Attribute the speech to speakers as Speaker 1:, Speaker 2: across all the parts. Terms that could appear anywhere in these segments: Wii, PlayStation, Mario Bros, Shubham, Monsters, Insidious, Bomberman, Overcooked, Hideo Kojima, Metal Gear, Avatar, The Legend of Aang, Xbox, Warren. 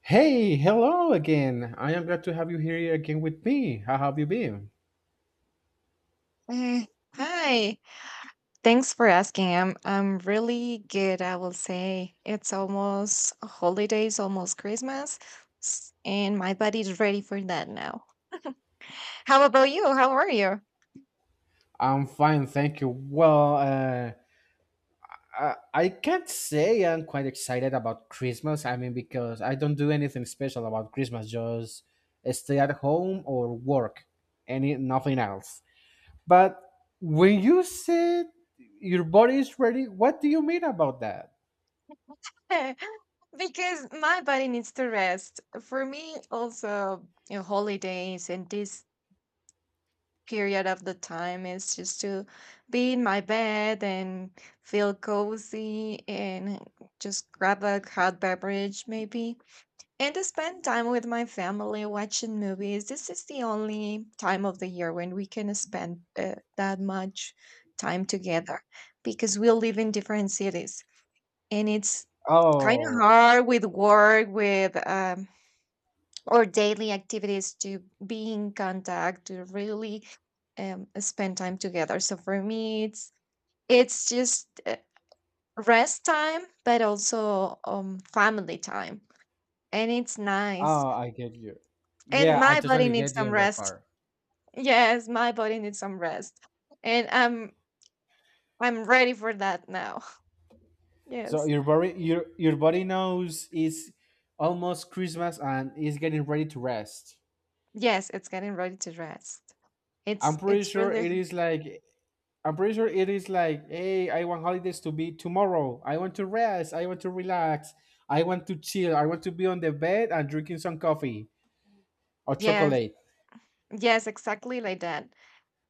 Speaker 1: Hey, hello again. I am glad to have you here again with me. How have you been?
Speaker 2: Mm. Hi. Thanks for asking. I'm really good, I will say. It's almost holidays, almost Christmas, and my body's ready for that now. How about you? How are you?
Speaker 1: I'm fine, thank you. Well, I can't say I'm quite excited about Christmas. I mean, because I don't do anything special about Christmas, just stay at home or work, any nothing else. But when you said your body is ready, what do you mean about that?
Speaker 2: Because my body needs to rest. For me, also, holidays and this period of the time is just to be in my bed and feel cozy and just grab a hot beverage, maybe. And to spend time with my family watching movies. This is the only time of the year when we can spend that much time together, because we live in different cities and it's kind of
Speaker 1: Oh,
Speaker 2: hard with work, with or daily activities, to be in contact, to really spend time together. So for me, it's just rest time, but also family time, and it's nice.
Speaker 1: oh, I get you.
Speaker 2: And
Speaker 1: Yeah, I
Speaker 2: my body
Speaker 1: totally
Speaker 2: needs
Speaker 1: get you
Speaker 2: some
Speaker 1: on that
Speaker 2: rest.
Speaker 1: part.
Speaker 2: Yes, my body needs some rest. And I'm ready for that now.
Speaker 1: So
Speaker 2: Yes.
Speaker 1: your body knows it's almost Christmas and is getting ready to rest.
Speaker 2: Yes, it's getting ready to rest.
Speaker 1: I'm
Speaker 2: It's
Speaker 1: pretty
Speaker 2: it's
Speaker 1: sure
Speaker 2: really.
Speaker 1: it is like I'm pretty sure it is like, hey, I want holidays to be tomorrow. I want to rest. I want to relax. I want to chill. I want to be on the bed and drinking some coffee or
Speaker 2: Yes,
Speaker 1: chocolate.
Speaker 2: yes, exactly like that.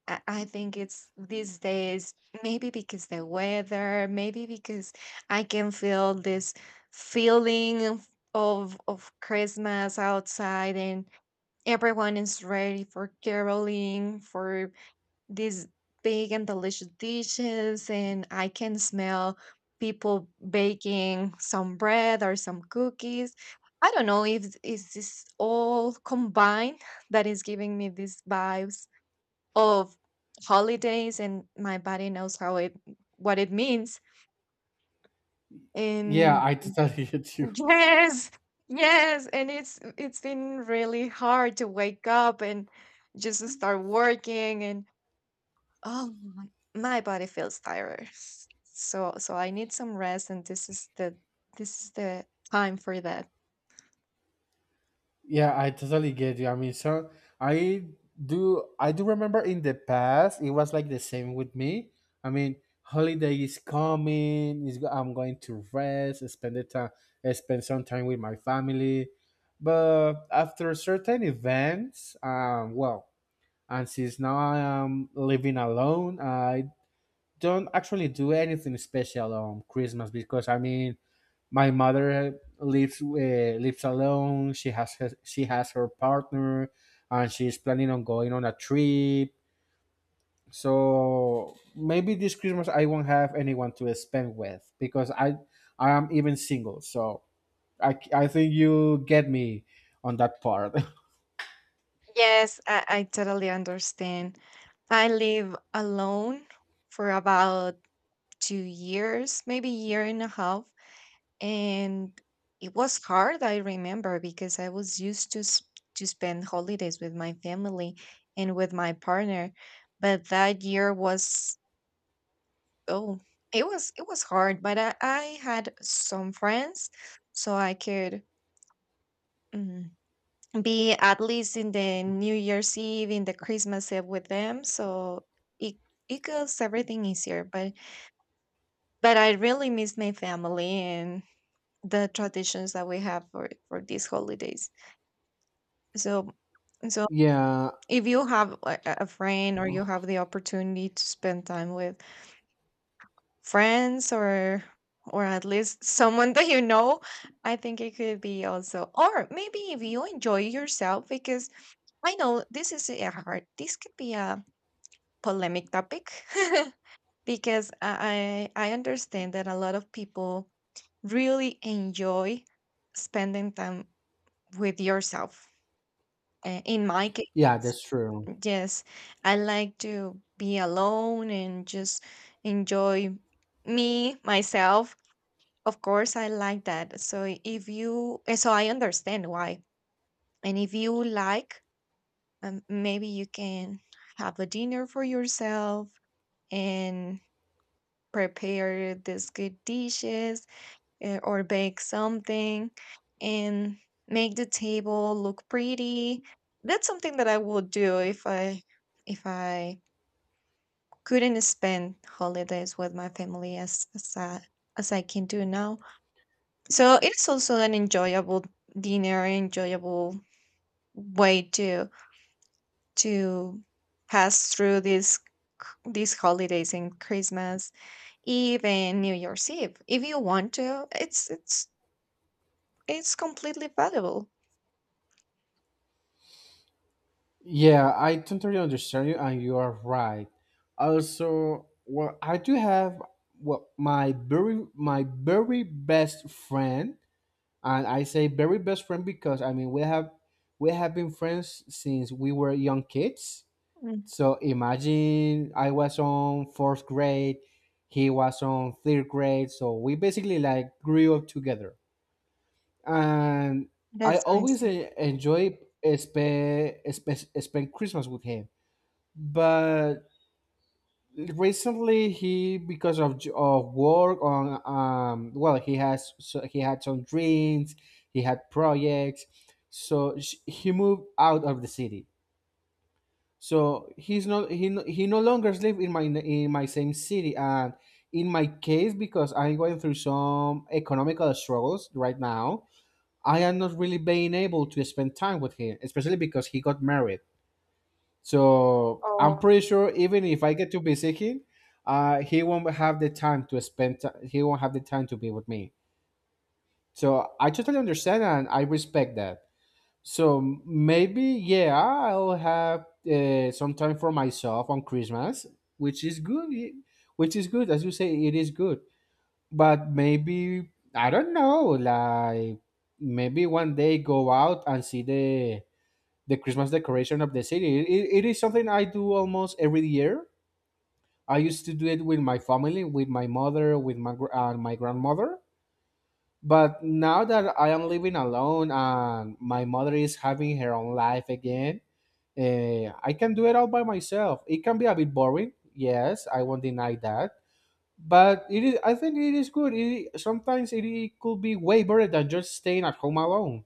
Speaker 2: I think it's these days, maybe because the weather, maybe because I can feel this feeling of Christmas outside, and everyone is ready for caroling, for these big and delicious dishes. And I can smell people baking some bread or some cookies. I don't know if is this all combined that is giving me these vibes of holidays, and my body knows how it what it means.
Speaker 1: Yeah,
Speaker 2: And
Speaker 1: I totally get you.
Speaker 2: yes, yes, and it's been really hard to wake up and just to start working. And oh my, my body feels tired. So I need some rest, and this is the time for that.
Speaker 1: Yeah, I totally get you. I mean, so I I do remember in the past it was like the same with me. I mean, holiday is coming. Is I'm going to rest, spend the time, spend some time with my family. But after certain events, well, and since now I am living alone, I don't actually do anything special on Christmas because I mean my mother lives alone. She has her partner, and she's planning on going on a trip. So maybe this Christmas I won't have anyone to spend with because I am even single. So I think you get me on that part.
Speaker 2: Yes, I totally understand. I live alone for about 2 years, maybe year and a half, and it was hard, I remember, because I was used to to spend holidays with my family and with my partner, but that year was. Oh, it was hard. But I had some friends, so I could mm, be at least in the New Year's Eve, in the Christmas Eve with them. So it it goes everything easier. But I really miss my family and the traditions that we have for these holidays. So so
Speaker 1: Yeah,
Speaker 2: if you have a friend, or you have the opportunity to spend time with friends, or at least someone that you know, I think it could be also. Or maybe if you enjoy yourself, because I know this could be a polemic topic. Because I understand that a lot of people really enjoy spending time with yourself. In my case,
Speaker 1: yeah, that's true.
Speaker 2: yes, I like to be alone and just enjoy me myself. Of course, I like that. So I understand why. And if you like, maybe you can have a dinner for yourself and prepare these good dishes, or bake something, and make the table look pretty. That's something that I would do if I if I couldn't spend holidays with my family as I can do now. So it's also an enjoyable dinner, enjoyable way to pass through these these holidays and Christmas, even New Year's Eve. If you want to, it's completely valuable.
Speaker 1: Yeah, I totally understand you, and you are right. Also, well, I do have, well, my very best friend, and I say very best friend because I mean we have been friends since we were young kids.
Speaker 2: Mm,
Speaker 1: So imagine I was on fourth grade, he was on third grade, so we basically like grew up together. And I
Speaker 2: that's
Speaker 1: always
Speaker 2: amazing.
Speaker 1: enjoy spend Christmas with him, but recently he, because of of work on, well, he has so he had some dreams, he had projects, so he moved out of the city, so he, he no longer live in my same city. And in my case, because I'm going through some economical struggles right now, I am not really being able to spend time with him, especially because he got married. So I'm
Speaker 2: Oh,
Speaker 1: pretty sure even if I get to visit him, he won't have the time to spend. He won't have the time to be with me. So I totally understand and I respect that. So maybe, yeah, I'll have some time for myself on Christmas, which is good. Which is good, as you say, it is good. But maybe I don't know, like maybe one day go out and see the Christmas decoration of the city. It is something I do almost every year. I used to do it with my family, with my mother, with my grandmother. But now that I am living alone and my mother is having her own life again, I can do it all by myself. It can be a bit boring, yes, I won't deny that. But it is, I think it is good. Sometimes it could be way better than just staying at home alone.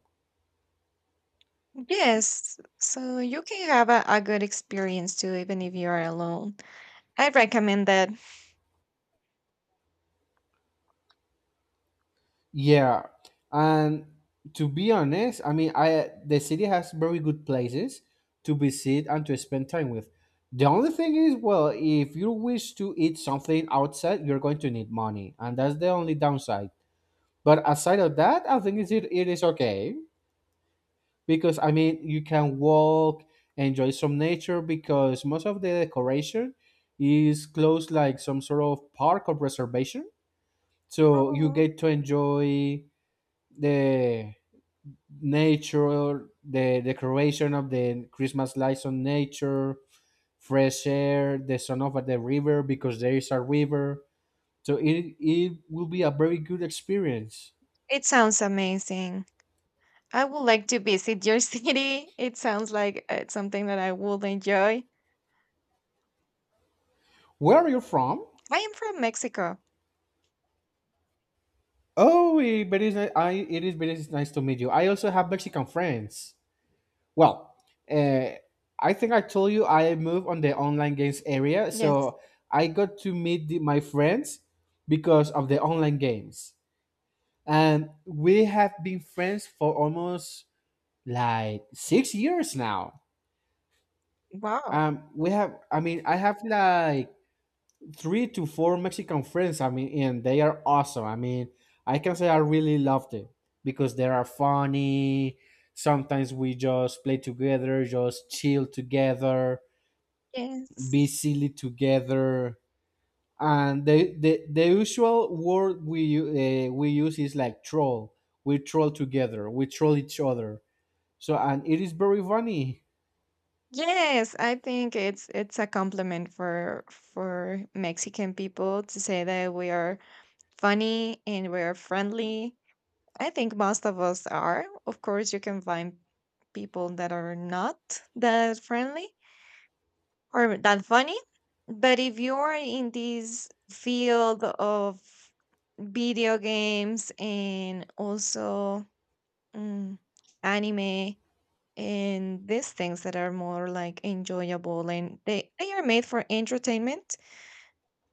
Speaker 2: yes, so you can have a good experience too, even if you are alone. I recommend that.
Speaker 1: Yeah, and to be honest, I mean, I the city has very good places to visit and to spend time with. The only thing is, well, if you wish to eat something outside, you're going to need money, and that's the only downside. But aside of that, I think it is okay, because I mean, you can walk, enjoy some nature because most of the decoration is close, like some sort of park or reservation, so you
Speaker 2: Oh,
Speaker 1: get to enjoy the nature, the decoration of the Christmas lights on nature, fresh air, the sound of the river because there is a river. So it will be a very good experience.
Speaker 2: it sounds amazing. I would like to visit your city. It sounds like it's something that I would enjoy.
Speaker 1: Where are you from?
Speaker 2: I am from Mexico.
Speaker 1: Oh, but it is very nice to meet you. I also have Mexican friends. Well, uh, I think I told you I moved on the online games area,
Speaker 2: Yes.
Speaker 1: so I got to meet my friends because of the online games. And we have been friends for almost like 6 years now.
Speaker 2: Wow.
Speaker 1: We have, I mean, I have like three to four Mexican friends. I mean, and they are awesome. I mean, I can say I really loved it because they are funny. Sometimes we just play together, just chill together,
Speaker 2: Yes.
Speaker 1: be silly together. And the usual word we use is like troll. We troll together. We troll each other. So, and it is very funny.
Speaker 2: Yes, I think it's a compliment for Mexican people, to say that we are funny and we are friendly. I think most of us are. Of course, you can find people that are not that friendly or that funny. But if you are in this field of video games and also mm, anime and these things that are more like enjoyable, and they are made for entertainment,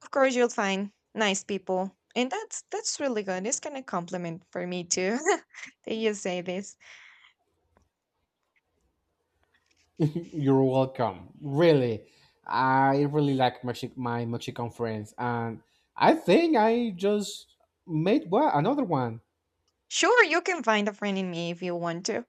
Speaker 2: of course you'll find nice people. And that's really good. It's kind of compliment for me too, that you say this.
Speaker 1: You're welcome. Really, I really like my Mexican friends, and I think I just made one another one.
Speaker 2: Sure, you can find a friend in me if you want to.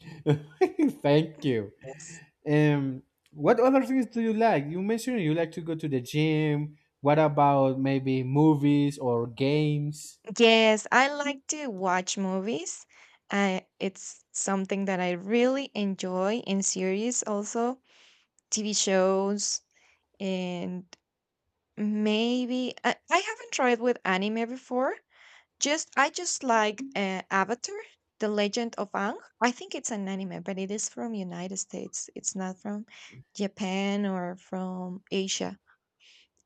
Speaker 1: Thank you.
Speaker 2: Yes,
Speaker 1: Um, what other things do you like? You mentioned you like to go to the gym. What about maybe movies or games?
Speaker 2: yes, I like to watch movies. It's something that I really enjoy, in series also, TV shows. And maybe I haven't tried with anime before. Just I just like Avatar, The Legend of Aang. I think it's an anime, but it is from United States. It's not from Japan or from Asia.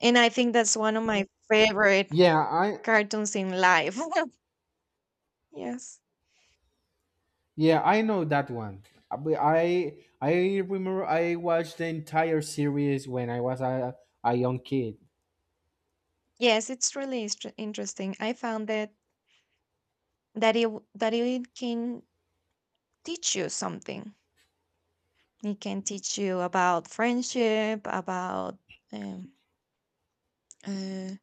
Speaker 2: And I think that's one of my favorite
Speaker 1: Yeah,
Speaker 2: cartoons in life. Yes.
Speaker 1: I know that one. But I remember I watched the entire series when I was a young kid.
Speaker 2: Yes, it's really interesting. I found that it can teach you something. It can teach you about friendship, about um, uh,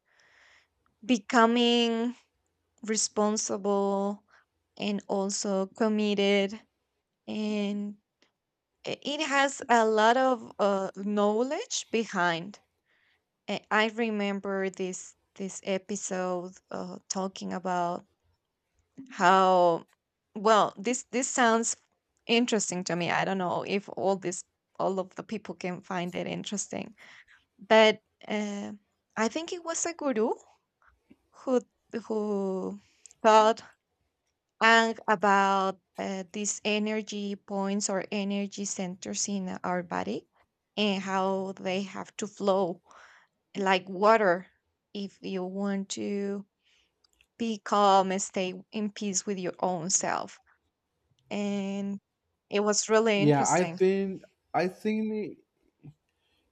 Speaker 2: becoming responsible, and also committed. And it has a lot of knowledge behind. I remember this episode, talking about how. Well, this sounds interesting to me. I don't know if all of the people can find it interesting, but uh, I think it was a guru who who thought, and about these energy points or energy centers in our body, and how they have to flow like water if you want to be calm and stay in peace with your own self. And it was really
Speaker 1: Yeah, I
Speaker 2: interesting.
Speaker 1: think I think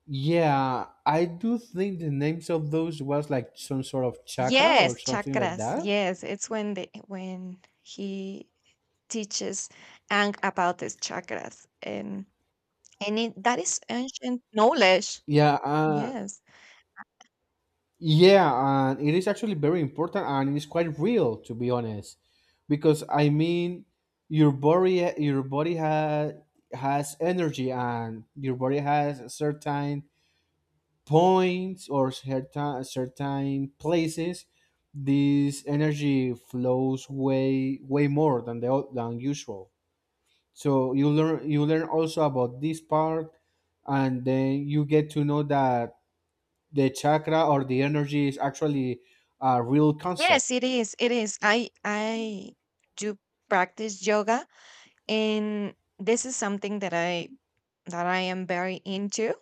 Speaker 1: yeah, I do think the names of those was like some sort of chakra or
Speaker 2: Yes,
Speaker 1: something like
Speaker 2: chakras.
Speaker 1: that.
Speaker 2: Yes, it's when he teaches Ang about these chakras. And that is ancient knowledge.
Speaker 1: Yeah,
Speaker 2: Yes.
Speaker 1: yeah, and it is actually very important and it is quite real, to be honest, because I mean, your body has energy, and your body has certain points or certain places, this energy flows way more than than usual. So you learn also about this part, and then you get to know that the chakra or the energy is actually a real concept.
Speaker 2: Yes, it is. It is. I do practice yoga, and this is something that I am very into,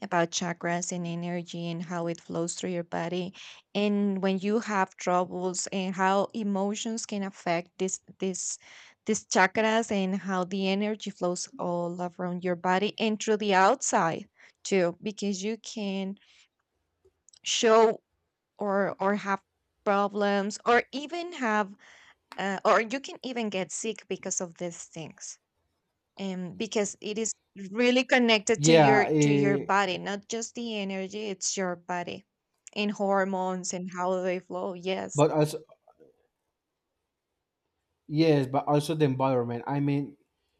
Speaker 2: about chakras and energy and how it flows through your body, and when you have troubles and how emotions can affect this this these chakras, and how the energy flows all around your body and through the outside too, because you can show or have problems, or even have or you can even get sick because of these things. And because it is really connected to your
Speaker 1: Yeah,
Speaker 2: body, not just the energy, it's your body and hormones and how they flow. Yes,
Speaker 1: but as yes, but also the environment. I mean,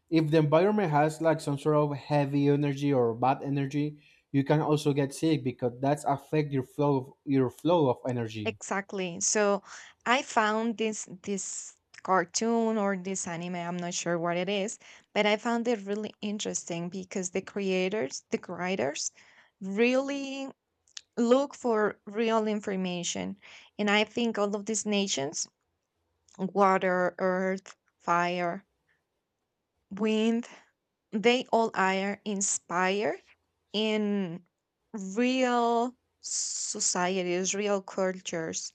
Speaker 1: if the environment has like some sort of heavy energy or bad energy, you can also get sick because that's affect your flow of energy.
Speaker 2: exactly. So I found this cartoon, or this anime, I'm not sure what it is, but I found it really interesting because the creators, the writers, really look for real information. And I think all of these nations, water, earth, fire, wind, they all are inspired in real societies, real cultures.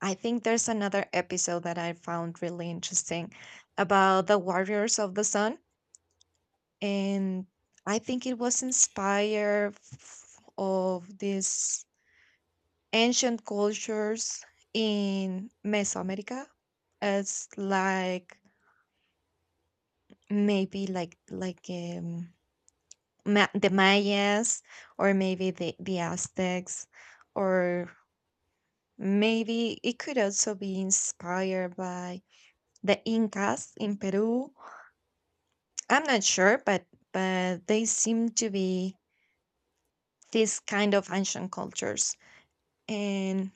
Speaker 2: I think there's another episode that I found really interesting, about the warriors of the sun. And I think it was inspired of these ancient cultures in Mesoamerica. It's like, maybe like Ma the Mayas, or maybe the Aztecs, or maybe it could also be inspired by the Incas in Peru. I'm not sure, but they seem to be these kind of ancient cultures. And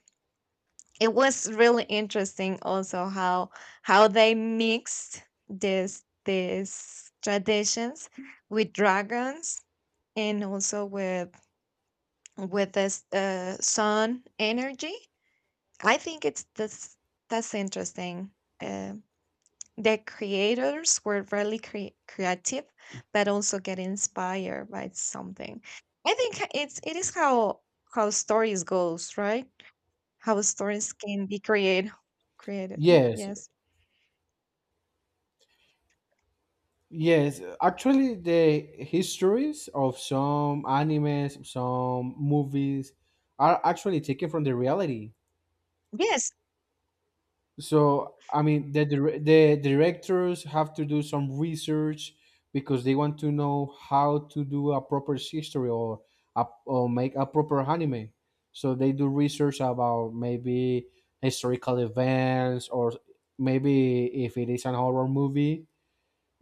Speaker 2: it was really interesting also how they mixed this these traditions with dragons, and also with this sun energy. I think it's this that's interesting. Uh, the creators were really creative, but also get inspired by something. I think it is how stories goes, right. How stories can be created.
Speaker 1: Yes,
Speaker 2: Yes,
Speaker 1: yes. Actually, the histories of some animes, some movies are actually taken from the reality.
Speaker 2: yes,
Speaker 1: So I mean, the directors have to do some research because they want to know how to do a proper history, or or make a proper anime. So they do research about maybe historical events, or maybe if it is an horror movie,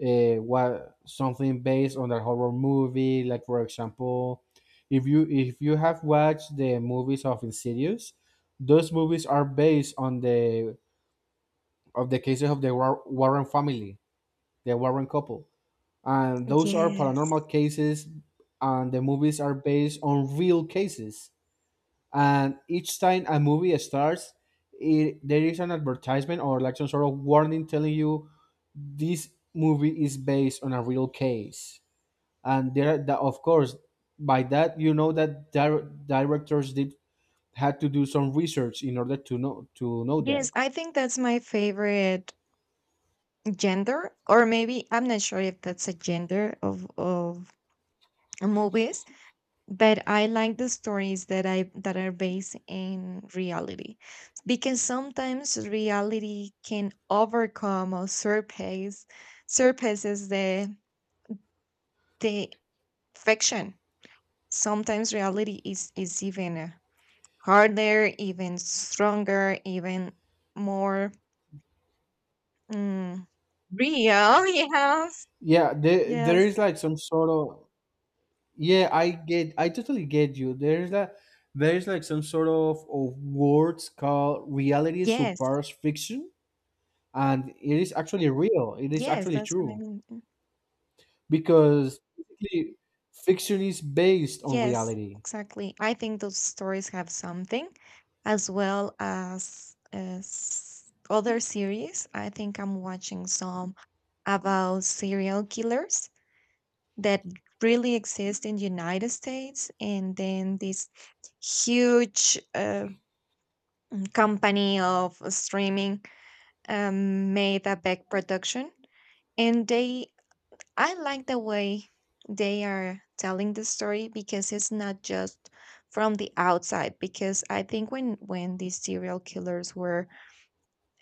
Speaker 1: what something based on that horror movie. Like for example, if you have watched the movies of Insidious, those movies are based on the, of the cases of the Warren family, the Warren couple. And those are
Speaker 2: yes.
Speaker 1: paranormal cases, and the movies are based on real cases. And each time a movie starts, there is an advertisement or like some sort of warning telling you this movie is based on a real case. And that, of course, by that you know that directors did had to do some research in order to know
Speaker 2: Yes,
Speaker 1: that.
Speaker 2: I think that's my favorite gender, or maybe I'm not sure if that's a gender of movies, but I like the stories that are based in reality, because sometimes reality can overcome or surpasses the fiction. Sometimes reality is even harder, even stronger, even more mm, real.
Speaker 1: Yeah, there is
Speaker 2: Yes,
Speaker 1: like some sort of. Yeah, I totally get you. There's like some sort of words called reality
Speaker 2: yes, yes,
Speaker 1: surpass fiction, and it is actually real. It is
Speaker 2: yes.
Speaker 1: actually
Speaker 2: That's what I
Speaker 1: true
Speaker 2: mean.
Speaker 1: because basically fiction is based on
Speaker 2: Yes,
Speaker 1: reality.
Speaker 2: exactly. I think those stories have something, as well as other series. I think I'm watching some about serial killers that really exist in the United States, and then this huge company of streaming, made a big production. And they I like the way they are telling the story, because it's not just from the outside. Because I think when these serial killers were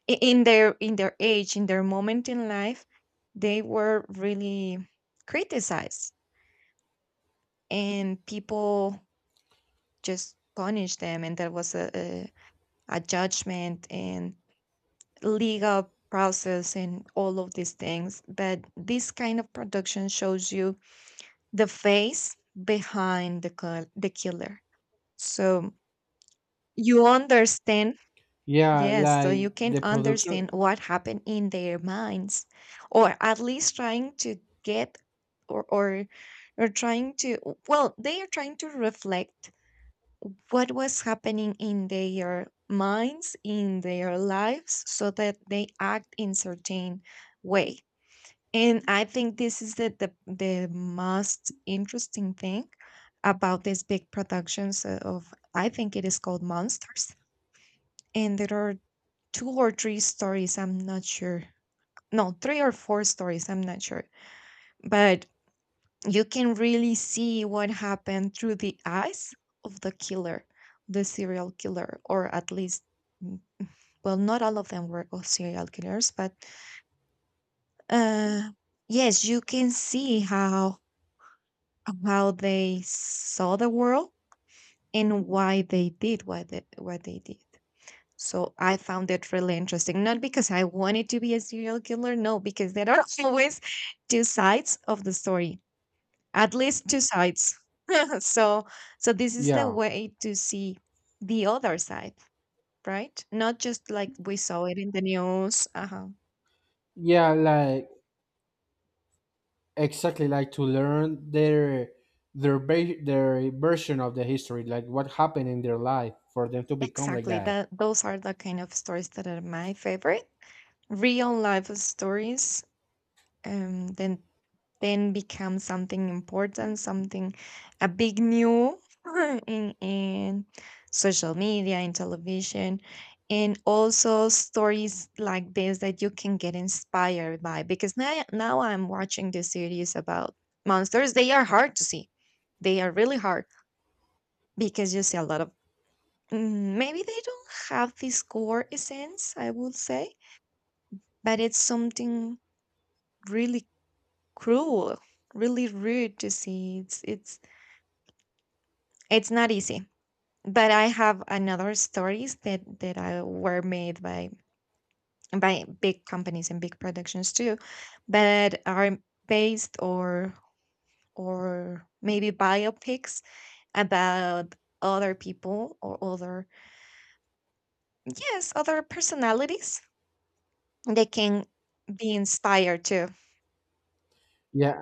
Speaker 2: in their age, in their moment in life, they were really criticized. And people just punished them, and there was a judgment and legal process and all of these things. But this kind of production shows you the face behind the killer. So you understand.
Speaker 1: Yeah,
Speaker 2: Yes, so you
Speaker 1: like
Speaker 2: can
Speaker 1: the production.
Speaker 2: understand what happened in their minds, or at least trying to get. Or or or trying to. Well, they are trying to reflect what was happening in their minds, in their lives, so that they act in certain way. And I think this is the most interesting thing about these big productions, of, I think it is called Monsters. And there are two or three stories, I'm not sure. No, three or four stories, I'm not sure. But you can really see what happened through the eyes of the killer, the serial killer, or at least mm, well, not all of them were all serial killers, but uh yes, you can see how they saw the world and why they did what they did. So I found it really interesting, not because I wanted to be a serial killer, no, because there are always two sides of the story, at least two sides. so so this is the
Speaker 1: Yeah,
Speaker 2: way to see the other side, right? Not just like we saw it in the news. Uh-huh.
Speaker 1: yeah, like exactly, like to learn their version of the history, like what happened in their life for them to become like
Speaker 2: Exactly.
Speaker 1: that.
Speaker 2: That those are the kind of stories that are my favorite. Real life stories um, Then. then become something important, something, a big new, in social media, in television, and also stories like this that you can get inspired by. Because now I'm watching the series about monsters. They are hard to see. They are really hard because you see a lot of maybe they don't have this core essence, I would say, but it's something really cruel, really rude to see. It's not easy, but I have another stories that I were made by big companies and big productions too, but are based or maybe biopics about other people or other, yes, other personalities they can be inspired too.
Speaker 1: Yeah,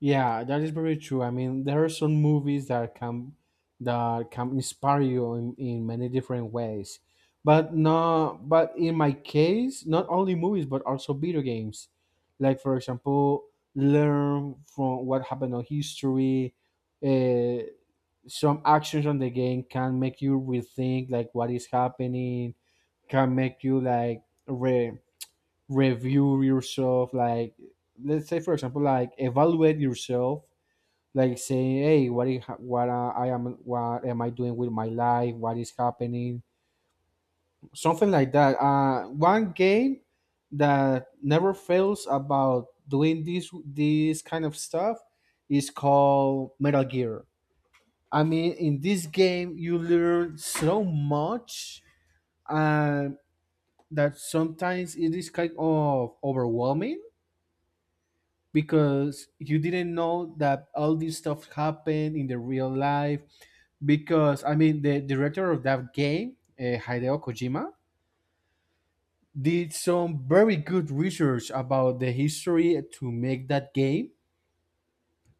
Speaker 1: yeah, that is very true. I mean, there are some movies that can inspire you in many different ways. But no, but in my case, not only movies but also video games. Like for example, learn from what happened on history. Uh, some actions on the game can make you rethink like what is happening. Can make you like re review yourself. Like let's say for example, like evaluate yourself, like saying, "Hey, what is ha- what I am what am I doing with my life? What is happening?" Something like that. One game that never fails about doing this kind of stuff is called Metal Gear. I mean, in this game, you learn so much, and that sometimes it is kind of overwhelming because you didn't know that all this stuff happened in the real life, because I mean the director of that game, Hideo Kojima, did some very good research about the history to make that game.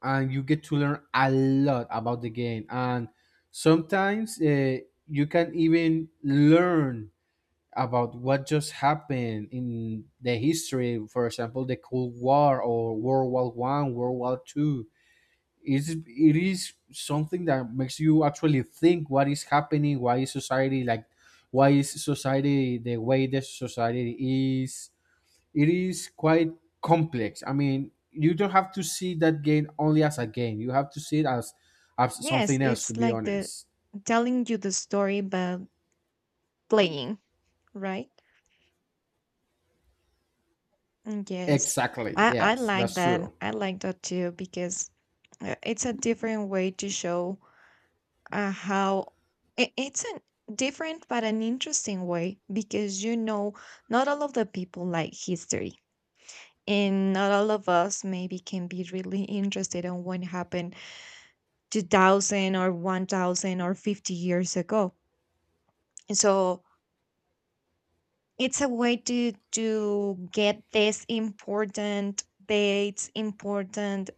Speaker 1: And you get to learn a lot about the game, and sometimes you can even learn about what just happened in the history, for example the Cold War or World War I, World War II. Is it is something that makes you actually think, what is happening? Why is society the way the society is? It is quite complex. I mean, you don't have to see that game only as a game. You have to see it as
Speaker 2: Yes,
Speaker 1: something else, to
Speaker 2: it's
Speaker 1: be
Speaker 2: like the
Speaker 1: honest.
Speaker 2: telling you the story but playing, right. Yes,
Speaker 1: Exactly,
Speaker 2: I
Speaker 1: yes,
Speaker 2: like
Speaker 1: that's true.
Speaker 2: that. I like that too because it's a different way to show how it's a different but an interesting way because you know not all of the people like history and not all of us maybe can be really interested on what happened 2000 or 1000 or 50 years ago. So it's a way to get these important dates, important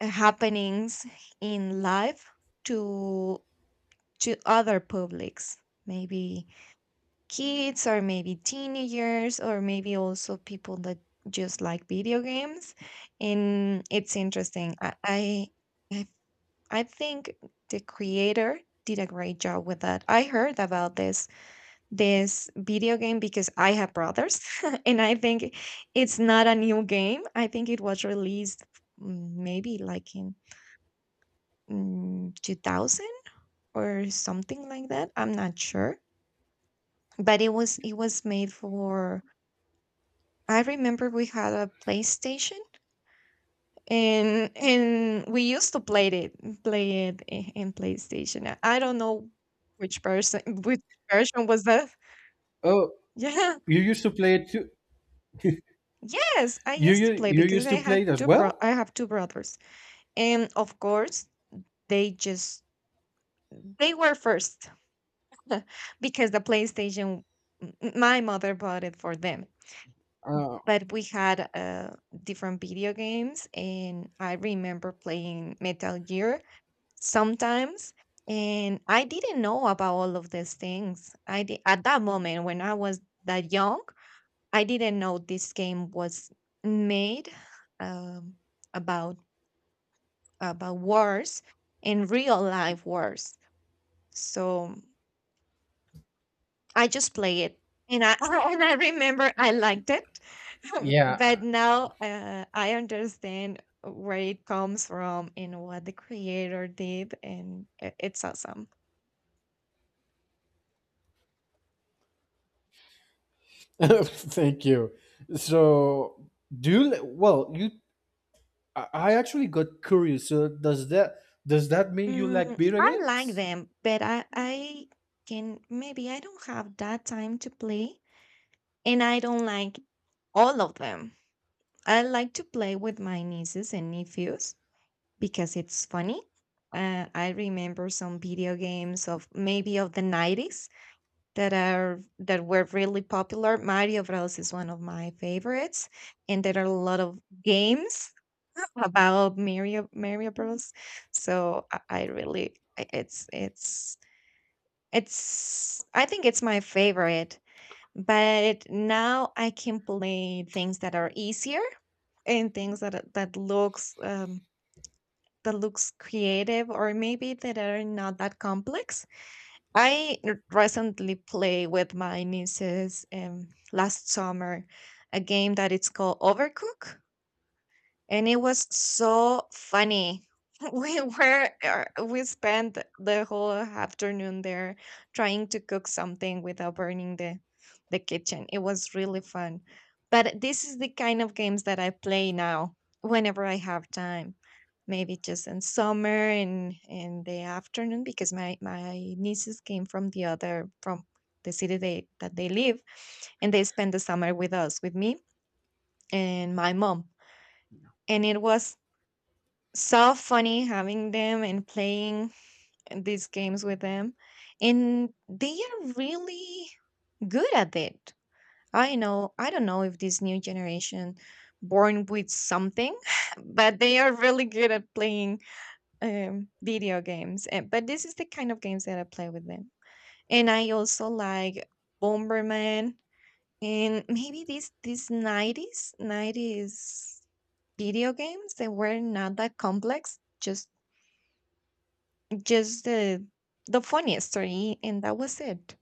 Speaker 2: happenings in life to to other publics, maybe kids or maybe teenagers or maybe also people that just like video games. And it's interesting. I, I think the creator did a great job with that. I heard about this video game because I have brothers, and I think it's not a new game. I think it was released, maybe like in, 2000 or something like that. I'm not sure. But it was made for, I remember we had a PlayStation, and we used to in PlayStation, I don't know which person, which version was that.
Speaker 1: Oh,
Speaker 2: Yeah,
Speaker 1: you used to play it too?
Speaker 2: yes, I
Speaker 1: you
Speaker 2: used to
Speaker 1: you,
Speaker 2: play
Speaker 1: you
Speaker 2: because
Speaker 1: used
Speaker 2: I
Speaker 1: to play
Speaker 2: had
Speaker 1: it as
Speaker 2: two bro
Speaker 1: well?
Speaker 2: I have two brothers and of course they just, they were first. Because the PlayStation, m- my mother bought it for them,
Speaker 1: uh,
Speaker 2: but we had different video games and I remember playing Metal Gear sometimes, and I didn't know about all of these things, at that moment when I was that young I didn't know this game was made um, about about wars and real life wars. So I just play it, and I and I remember I liked it,
Speaker 1: yeah.
Speaker 2: but now I understand where it comes from and what the creator did, and it's awesome.
Speaker 1: Thank you. So do you, li- well you I actually got curious. So does that mean you like
Speaker 2: Mm,
Speaker 1: video
Speaker 2: I like
Speaker 1: games?
Speaker 2: them, but I can, maybe I don't have that time to play, and I don't like all of them. I like to play with my nieces and nephews because it's funny. I remember some video games of maybe of the 90s that are that were really popular. Mario Bros is one of my favorites and there are a lot of games about Mario Bros. So I really I- it's I think it's my favorite, but now I can play things that are easier and things that looks creative or maybe that are not that complex. Recently played with my nieces, last summer, a game that it's called Overcook, and it was so funny. We were we spent the whole afternoon there trying to cook something without burning the kitchen. It was really fun. But this is the kind of games that I play now, whenever I have time. Maybe just in summer and in the afternoon because my nieces came from the city they that they live and they spend the summer with us with me and my mom, and it was so funny having them and playing these games with them, and they are really good at it. I don't know if this new generation born with something, but they are really good at playing, video games, and, but this is the kind of games that I play with them, and I also like Bomberman. And maybe these, 90s video games, they were not that complex, just the funny story and that was it.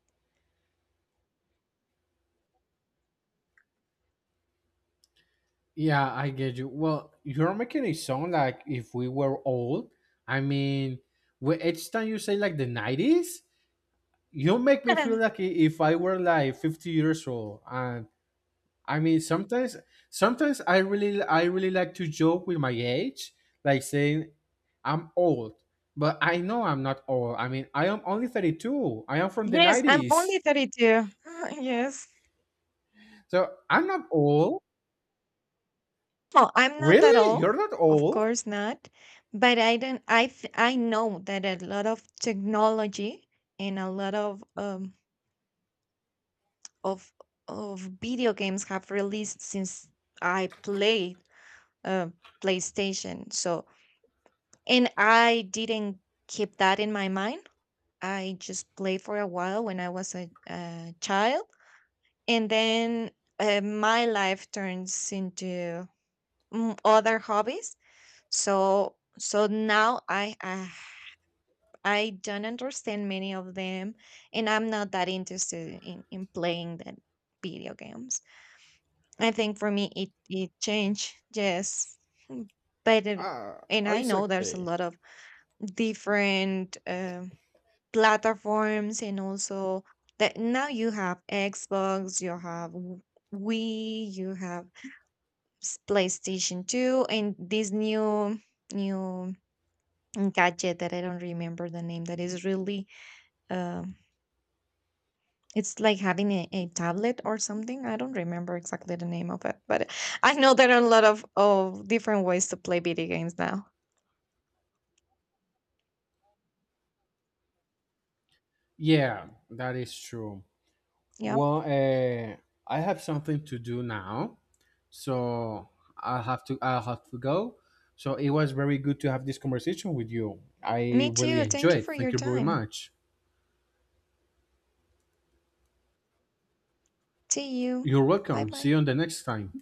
Speaker 1: Yeah, I get you. Well, you're making it sound like if we were old. I mean, each time you say like the 90s, you make me feel like if I were like 50 years old. And I mean, sometimes I really like to joke with my age, like saying I'm old, but I know I'm not old. I mean, I am only 32. I am from the
Speaker 2: Yes, I'm
Speaker 1: 90s.
Speaker 2: only 32. Yes,
Speaker 1: So I'm not old.
Speaker 2: well, I'm not at
Speaker 1: Really?
Speaker 2: all.
Speaker 1: You're not
Speaker 2: Of
Speaker 1: old?
Speaker 2: course not. But I don't, I know that a lot of technology and a lot of of video games have released since I played, uh, PlayStation. So, and I didn't keep that in my mind. I just played for a while when I was a child, and then, my life turns into, other hobbies. So now, I, I don't understand many of them, and I'm not that interested in playing the video games. I think for me it it changed. Yes. Mm, but
Speaker 1: Uh,
Speaker 2: And I
Speaker 1: it's
Speaker 2: know there's a
Speaker 1: okay.
Speaker 2: lot of different platforms, and also that now you have Xbox, you have Wii, you have PlayStation 2, and this new new gadget that I don't remember the name, that is really, um it's like having a tablet or something. I don't remember exactly the name of it, but I know there are a lot of different ways to play video games now.
Speaker 1: Yeah, that is true.
Speaker 2: Yeah.
Speaker 1: Well, I have something to do now, so I'll have to go. So it was very good to have this conversation with you. I
Speaker 2: Me
Speaker 1: really
Speaker 2: too. Thank you
Speaker 1: enjoyed.
Speaker 2: for your
Speaker 1: Thank you very
Speaker 2: time.
Speaker 1: much.
Speaker 2: See you.
Speaker 1: You're
Speaker 2: Bye
Speaker 1: welcome. See
Speaker 2: bye.
Speaker 1: you on the next time.